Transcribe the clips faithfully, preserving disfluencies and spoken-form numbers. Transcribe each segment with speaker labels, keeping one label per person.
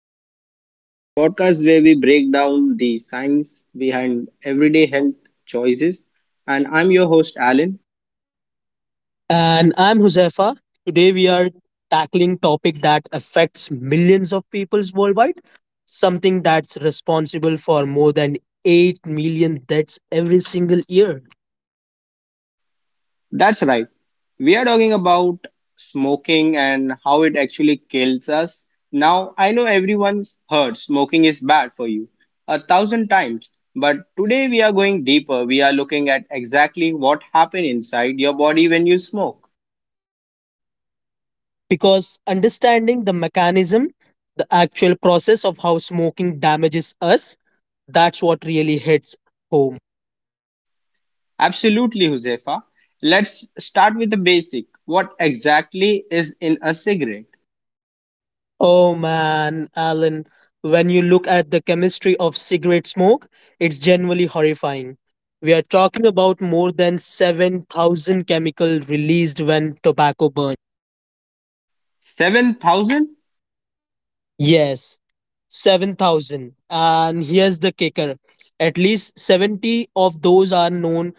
Speaker 1: Unfiltered, the podcast where we break down the science behind everyday health choices. And I'm your host, Alan.
Speaker 2: And I'm Huzaifa. Today we are tackling topic that affects millions of peoples worldwide, something that's responsible for more than eight million deaths every single year.
Speaker 1: That's right. We are talking about smoking and how it actually kills us. Now, I know everyone's heard smoking is bad for you a thousand times, but today we are going deeper. We are looking at exactly what happens inside your body when you smoke.
Speaker 2: Because understanding the mechanism, the actual process of how smoking damages us, that's what really hits home.
Speaker 1: Absolutely, Huzefa. Let's start with the basic. What exactly is in a cigarette?
Speaker 2: Oh man, Alan, when you look at the chemistry of cigarette smoke, it's genuinely horrifying. We are talking about more than seven thousand chemical released when tobacco burns.
Speaker 1: seven thousand?
Speaker 2: Yes, seven thousand. And here's the kicker. At least seventy of those are known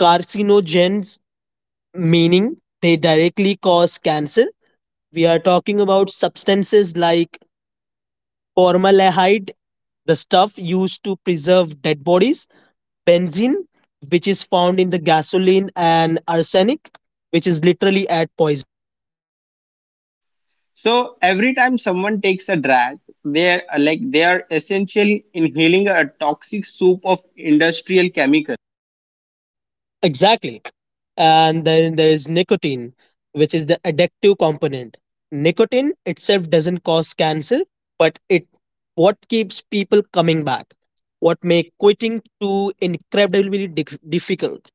Speaker 2: carcinogens, meaning they directly cause cancer. We are talking about substances like formaldehyde, the stuff used to preserve dead bodies benzene, which is found in the gasoline, and arsenic, which is literally at poison.
Speaker 1: So every time someone takes a drag, they're like they are essentially inhaling a toxic soup of industrial chemicals.
Speaker 2: Exactly. And then there is nicotine, which is the addictive component. Nicotine itself doesn't cause cancer, but it what keeps people coming back, what make quitting too incredibly dic- difficult.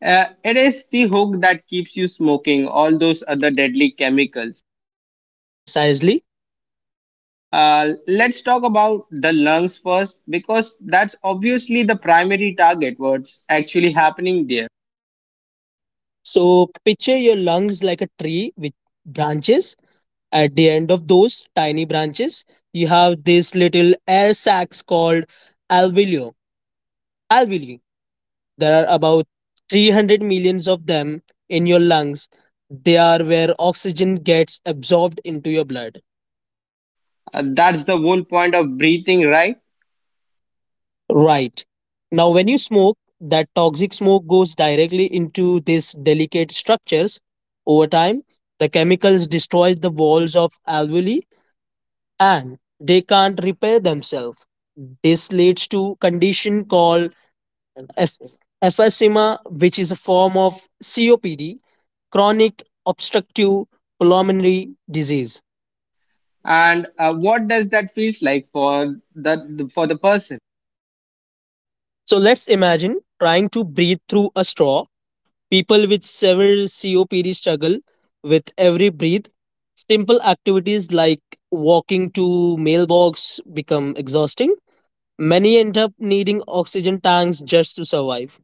Speaker 1: Uh, it is the hook that keeps you smoking all those other deadly chemicals.
Speaker 2: Precisely.
Speaker 1: Uh, let's talk about the lungs first because that's obviously the primary target. What's actually happening there?
Speaker 2: So picture your lungs like a tree with branches. At the end of those tiny branches, you have these little air sacs called alveoli. Alveoli. There are about three hundred millions of them in your lungs. They are where oxygen gets absorbed into your blood.
Speaker 1: Uh, that's the whole point of breathing, right?
Speaker 2: Right. Now, when you smoke, that toxic smoke goes directly into these delicate structures. Over time, the chemicals destroy the walls of alveoli and they can't repair themselves. This leads to condition called F- emphysema, which is a form of C O P D, chronic obstructive pulmonary disease.
Speaker 1: And uh, what does that feels like for the for the person?
Speaker 2: So let's imagine trying to breathe through a straw. People with severe C O P D struggle with every breath. Simple activities like walking to mailbox become exhausting. Many end up needing oxygen tanks just to survive.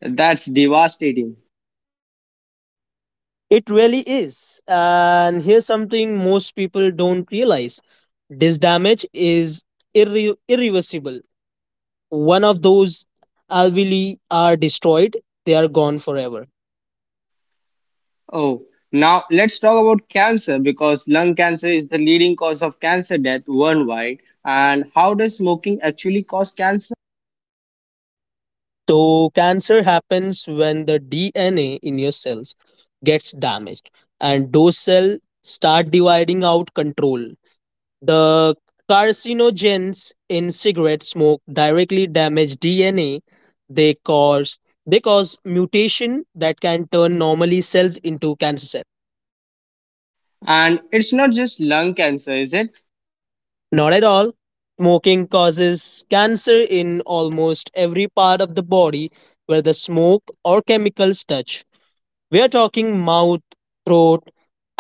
Speaker 1: That's devastating.
Speaker 2: It really is. And here's something most people don't realize this damage is irre- irreversible. One of those alveoli are destroyed, they are gone forever.
Speaker 1: Oh, now let's talk about cancer because lung cancer is the leading cause of cancer death worldwide. And how does smoking actually cause cancer?
Speaker 2: So, cancer happens when the D N A in your cells gets damaged, and those cells start dividing out control. The carcinogens in cigarette smoke directly damage D N A. They cause they cause mutation that can turn normally cells into cancer cells.
Speaker 1: And it's not just lung cancer, is it?
Speaker 2: Not at all. Smoking causes cancer in almost every part of the body where the smoke or chemicals touch. We are talking mouth, throat,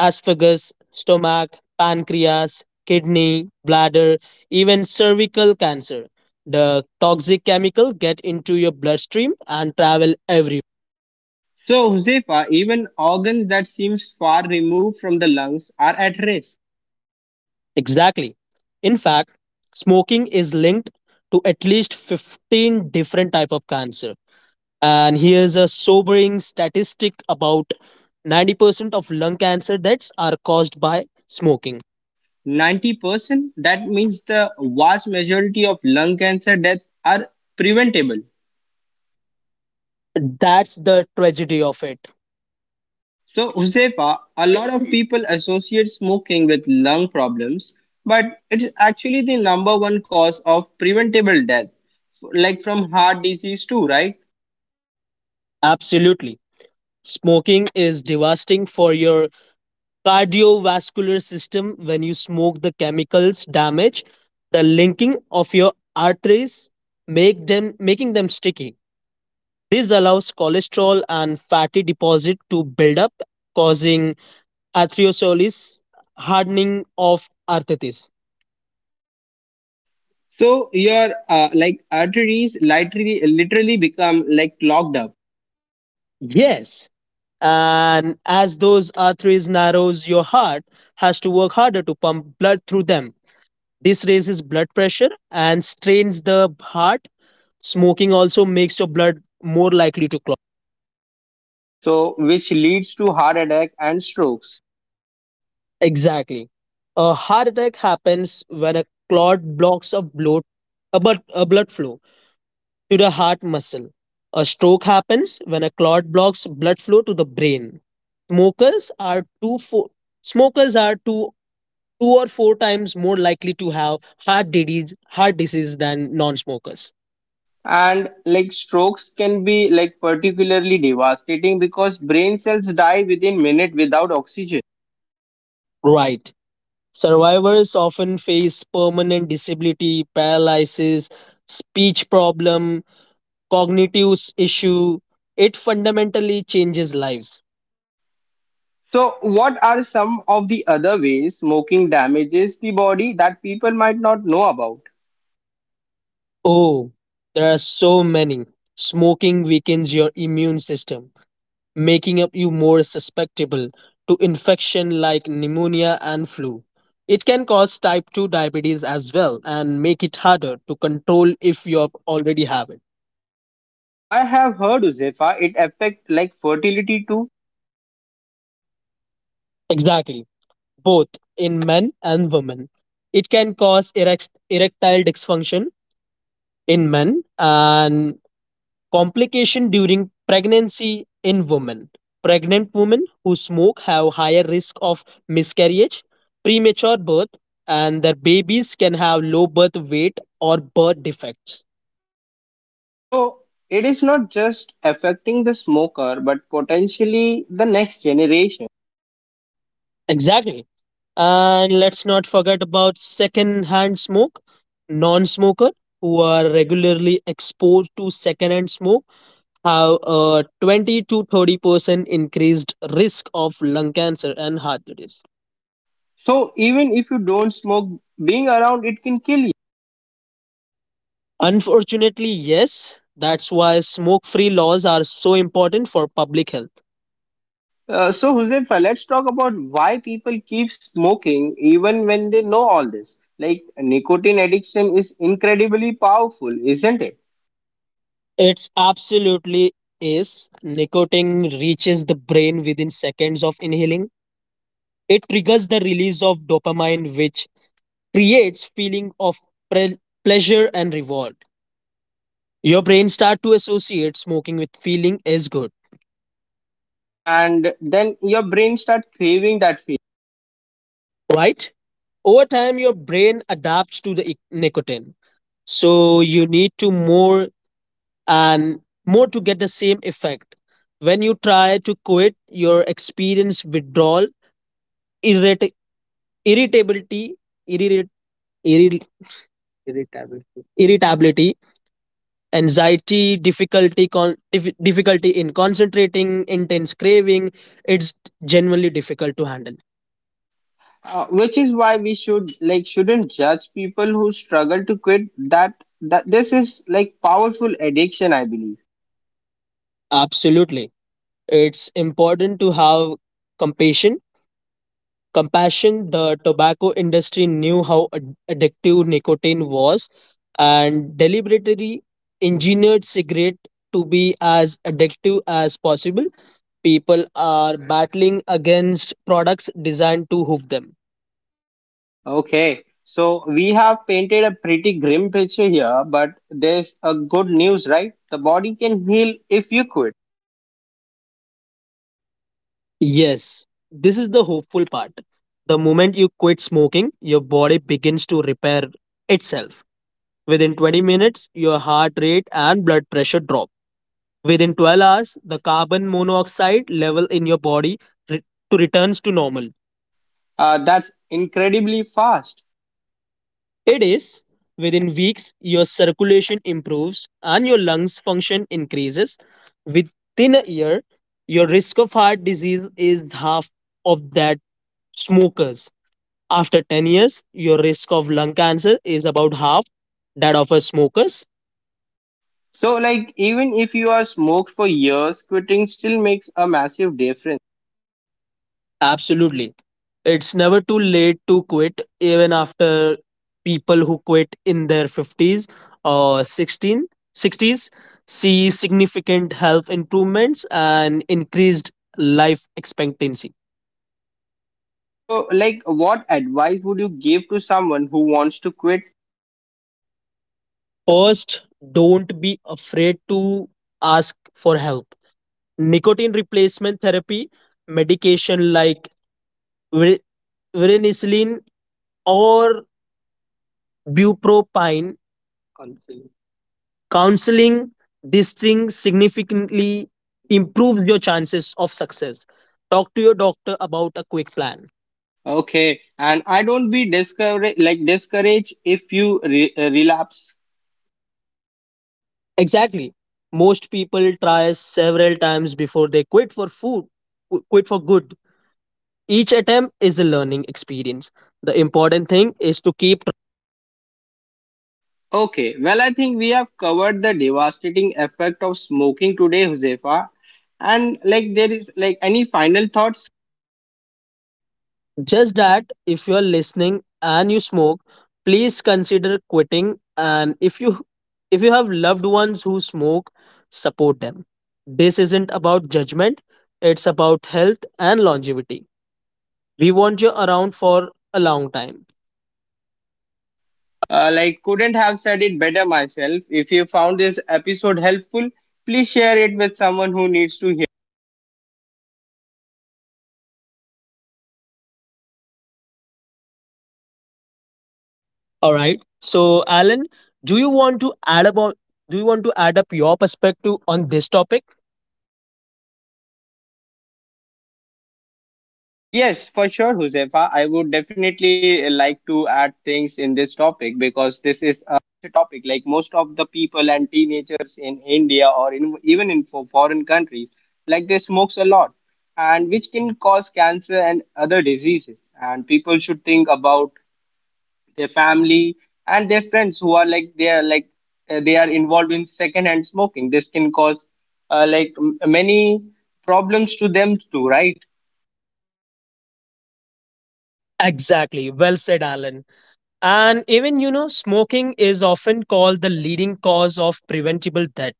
Speaker 2: esophagus, stomach, pancreas, kidney, bladder, even cervical cancer. The toxic chemical get into your bloodstream and travel everywhere.
Speaker 1: So, Josefa, even organs that seems far removed from the lungs are at risk.
Speaker 2: Exactly. In fact, smoking is linked to at least fifteen different type of cancer. And here's a sobering statistic about ninety percent of lung cancer deaths are caused by smoking.
Speaker 1: ninety percent? That means the vast majority of lung cancer deaths are preventable.
Speaker 2: That's the tragedy of it.
Speaker 1: So, Husefa, a lot of people associate smoking with lung problems, but it's actually the number one cause of preventable death, like from heart disease too, right?
Speaker 2: Absolutely. Smoking is devastating for your cardiovascular system when you smoke the chemicals damage the linking of your arteries make them making them sticky. This allows cholesterol and fatty deposit to build up causing atherosclerosis hardening of arthritis.
Speaker 1: So your uh, like arteries literally literally become like clogged up,
Speaker 2: Yes. And as those arteries narrows your heart has to work harder to pump blood through them. This raises blood pressure and strains the heart. Smoking also makes your blood more likely to clot.
Speaker 1: so which leads to heart attack and strokes.
Speaker 2: Exactly. A heart attack happens when a clot blocks a blood, a blood, a blood flow to the heart muscle. A stroke happens when a clot blocks blood flow to the brain. Smokers are two four, smokers are two two or four times more likely to have heart disease heart disease than non-smokers.
Speaker 1: And like strokes can be like particularly devastating because brain cells die within minute without oxygen.
Speaker 2: Right. Survivors often face permanent disability, paralysis, speech problem, cognitive issue. It fundamentally changes lives.
Speaker 1: So what are some of the other ways smoking damages the body that people might not know about?
Speaker 2: Oh, there are so many. Smoking weakens your immune system, making up you more susceptible to infection like pneumonia and flu. It can cause type two diabetes as well and make it harder to control if you have already have it.
Speaker 1: I have heard, Uzefa, it affect like fertility too.
Speaker 2: Exactly. Both in men and women. It can cause erect, erectile dysfunction in men and complication during pregnancy in women. Pregnant women who smoke have higher risk of miscarriage, premature birth, and their babies can have low birth weight or birth defects.
Speaker 1: So it is not just affecting the smoker but potentially the next generation.
Speaker 2: Exactly. And let's not forget about second-hand smoke. Non-smoker who are regularly exposed to second-hand smoke have a twenty to thirty percent increased risk of lung cancer and heart disease.
Speaker 1: So even if you don't smoke, being around it can kill.
Speaker 2: Unfortunately, yes, that's why smoke free laws are so important for public health.
Speaker 1: Uh, so, Huzefa, let's talk about why people keep smoking even when they know all this. Like, nicotine addiction is incredibly powerful, isn't it?
Speaker 2: It's absolutely is. Nicotine reaches the brain within seconds of inhaling. It triggers the release of dopamine, which creates feeling of pre- pleasure and reward. Your brain start to associate smoking with feeling is good,
Speaker 1: And then your brain starts craving that feeling.
Speaker 2: right? Over time your brain adapts to the ic- nicotine so you need to more and more to get the same effect when you try to quit your experience withdrawal irrit- irritability irrit- irri- irritability irritability anxiety difficulty con- dif- difficulty in concentrating intense craving it's genuinely difficult to handle.
Speaker 1: Uh, which is why we should like shouldn't judge people who struggle to quit. That that this is like powerful addiction, I believe.
Speaker 2: Absolutely, it's important to have compassion compassion, the tobacco industry knew how ad- addictive nicotine was and deliberately engineered cigarette to be as addictive as possible. People are battling against products designed to hook them.
Speaker 1: Okay, so we have painted a pretty grim picture here, but there's a good news, right? The body can heal if you quit.
Speaker 2: Yes, this is the hopeful part. The moment you quit smoking, your body begins to repair itself. Within twenty minutes, your heart rate and blood pressure drop. Within twelve hours, the carbon monoxide level in your body re- to returns to normal.
Speaker 1: Uh, that's incredibly fast.
Speaker 2: It is within weeks your circulation improves and your lungs function increases. Within a year, your risk of heart disease is half of that smokers. After ten years, your risk of lung cancer is about half that of a smoker.
Speaker 1: So, like, even if you are smoked for years, quitting still makes a massive difference.
Speaker 2: Absolutely. It's never too late to quit, even after people who quit in their fifties or sixteen, sixties, see significant health improvements and increased life expectancy.
Speaker 1: So, like, what advice would you give to someone who wants to quit?
Speaker 2: First, don't be afraid to ask for help. Nicotine replacement therapy, medication like vir- varenicline or bupropine counseling this thing significantly improves your chances of success talk to your doctor about a quick plan.
Speaker 1: Okay, and I don't be discouraged, like, discouraged if you re- uh, relapse.
Speaker 2: Exactly, most people try several times before they quit for food qu- quit for good. Each attempt is a learning experience, the important thing is to keep.
Speaker 1: Okay, well, I think we have covered the devastating effect of smoking today, Josefa. And, like, there is, like, any final thoughts?
Speaker 2: Just that if you are listening and you smoke, please consider quitting and if you if you have loved ones who smoke, support them. This isn't about judgment, it's about health and longevity. We want you around for a long time.
Speaker 1: Uh, like, couldn't have said it better myself. If you found this episode helpful, please share it with someone who needs to hear.
Speaker 2: All right. So Alan, do you want to add about do you want to add up your perspective on this topic?
Speaker 1: Yes, for sure, Josefa. I would definitely like to add things in this topic because this is a topic like most of the people and teenagers in India or in, even in fo- foreign countries, like they smokes a lot and which can cause cancer and other diseases. And people should think about their family and their friends who are like they are like uh, they are involved in second hand smoking. This can cause uh, like m- many problems to them too, right?
Speaker 2: Exactly. Well said, Alan. And even, you know, smoking is often called the leading cause of preventable death.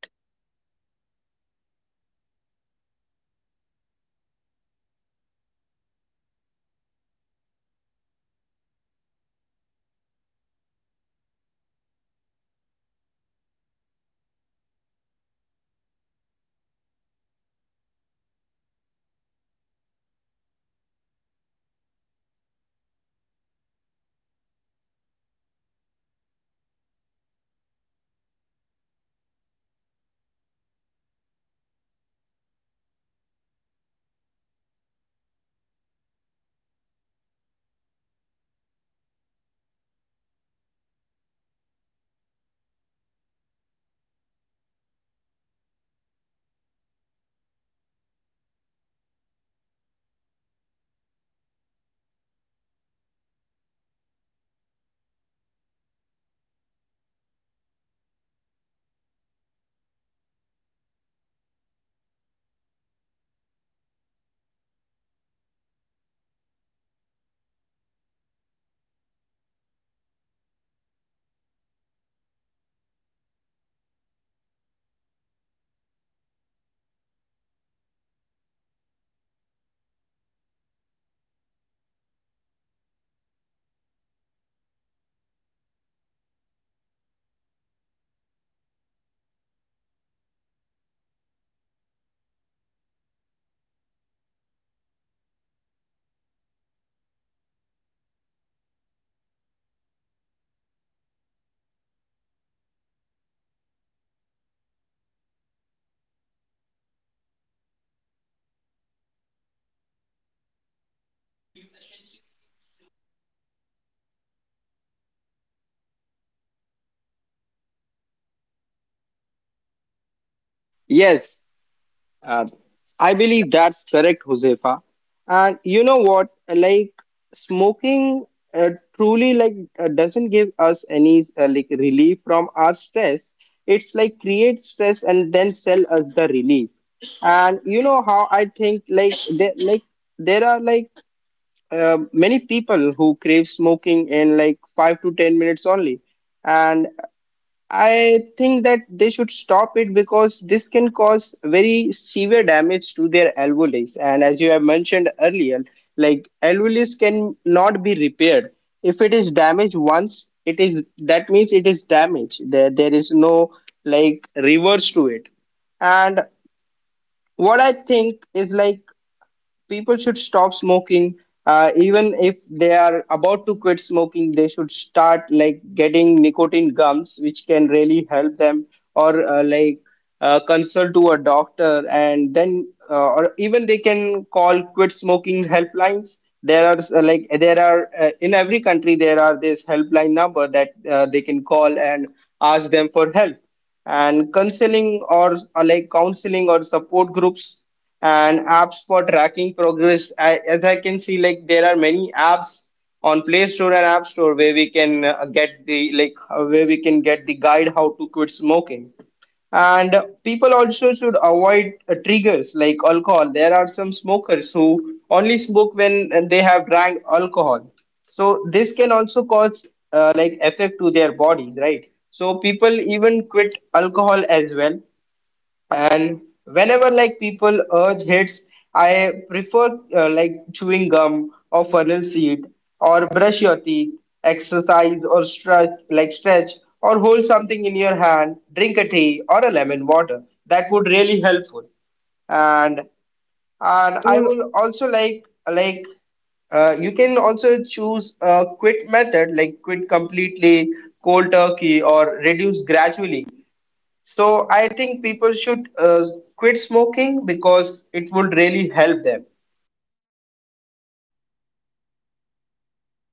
Speaker 1: Yes, uh, I believe that's correct, Josefa. And you know what? Like smoking uh, truly like uh, doesn't give us any uh, like relief from our stress. It's like create stress and then sell us the relief. And you know how I think like there like there are like uh, many people who crave smoking in like five to ten minutes only. And I think that they should stop it because this can cause very severe damage to their alveoli. And as you have mentioned earlier, like alveoli can not be repaired. If it is damaged once, it is that means it is damaged. There, there is no like reverse to it. And what I think is like people should stop smoking. Uh, even if they are about to quit smoking, they should start like getting nicotine gums which can really help them, or uh, like uh, consult to a doctor, and then uh, or even they can call quit smoking helplines. There are uh, like there are uh, in every country there are this helpline number that uh, they can call and ask them for help, and counseling or, or like counseling or support groups, and apps for tracking progress. I, as I can see, like there are many apps on Play Store and App Store where we can uh, get the like uh, where we can get the guide how to quit smoking. And people also should avoid uh, triggers like alcohol. There are some smokers who only smoke when uh, they have drank alcohol. So this can also cause uh, like effect to their bodies, right? So people even quit alcohol as well. And whenever like people urge hits, I prefer uh, like chewing gum or funnel seed, or brush your teeth, exercise or stretch like stretch, or hold something in your hand, drink a tea or a lemon water. That would really helpful. And
Speaker 2: And
Speaker 1: and
Speaker 2: I
Speaker 1: I
Speaker 2: will
Speaker 1: will also like like uh, you can also choose a quit method, like quit completely, cold turkey, or reduce gradually. So I think people should uh, quit smoking because it would really help them.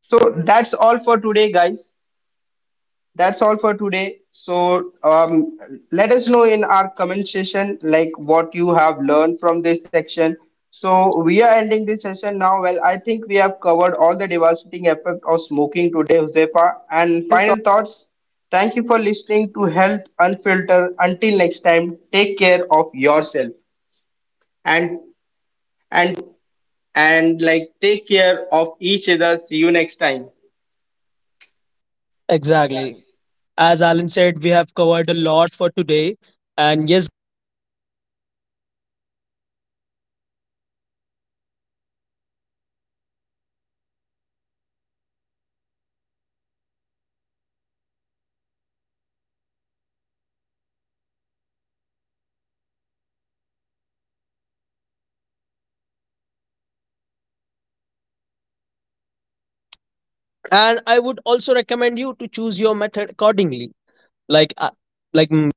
Speaker 1: So that's all for today, guys. That's all for today. So um, let us know in our comment section like what you have learned from this section. So we are ending this session now. Well, I think we have covered all the devastating effect of smoking today, Josefa.
Speaker 2: and
Speaker 1: And
Speaker 2: final thought.
Speaker 1: final thoughts. Thank you for listening to Health Unfiltered. Until next time, take care of yourself and
Speaker 2: And
Speaker 1: and and like take care of each other. See you next time.
Speaker 2: exactly. As Alan said, we have covered a lot for today. And yes, and I would also recommend you to choose your method accordingly. Like, uh, like, mm,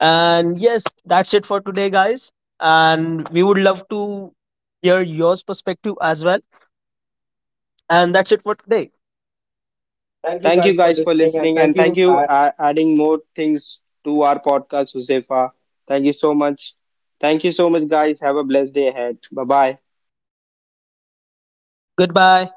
Speaker 2: and yes, that's it for today, guys. And we would love to hear yours perspective as well. And that's it for today. Thank you
Speaker 1: Thank you
Speaker 2: guys for
Speaker 1: guys for
Speaker 2: listening and
Speaker 1: listening
Speaker 2: thank
Speaker 1: and thank
Speaker 2: you.
Speaker 1: you
Speaker 2: Uh,
Speaker 1: uh, adding more things to our podcast, Josefa. Thank you so much. Thank you so much, guys. Have a blessed day ahead. Bye bye.
Speaker 2: Goodbye.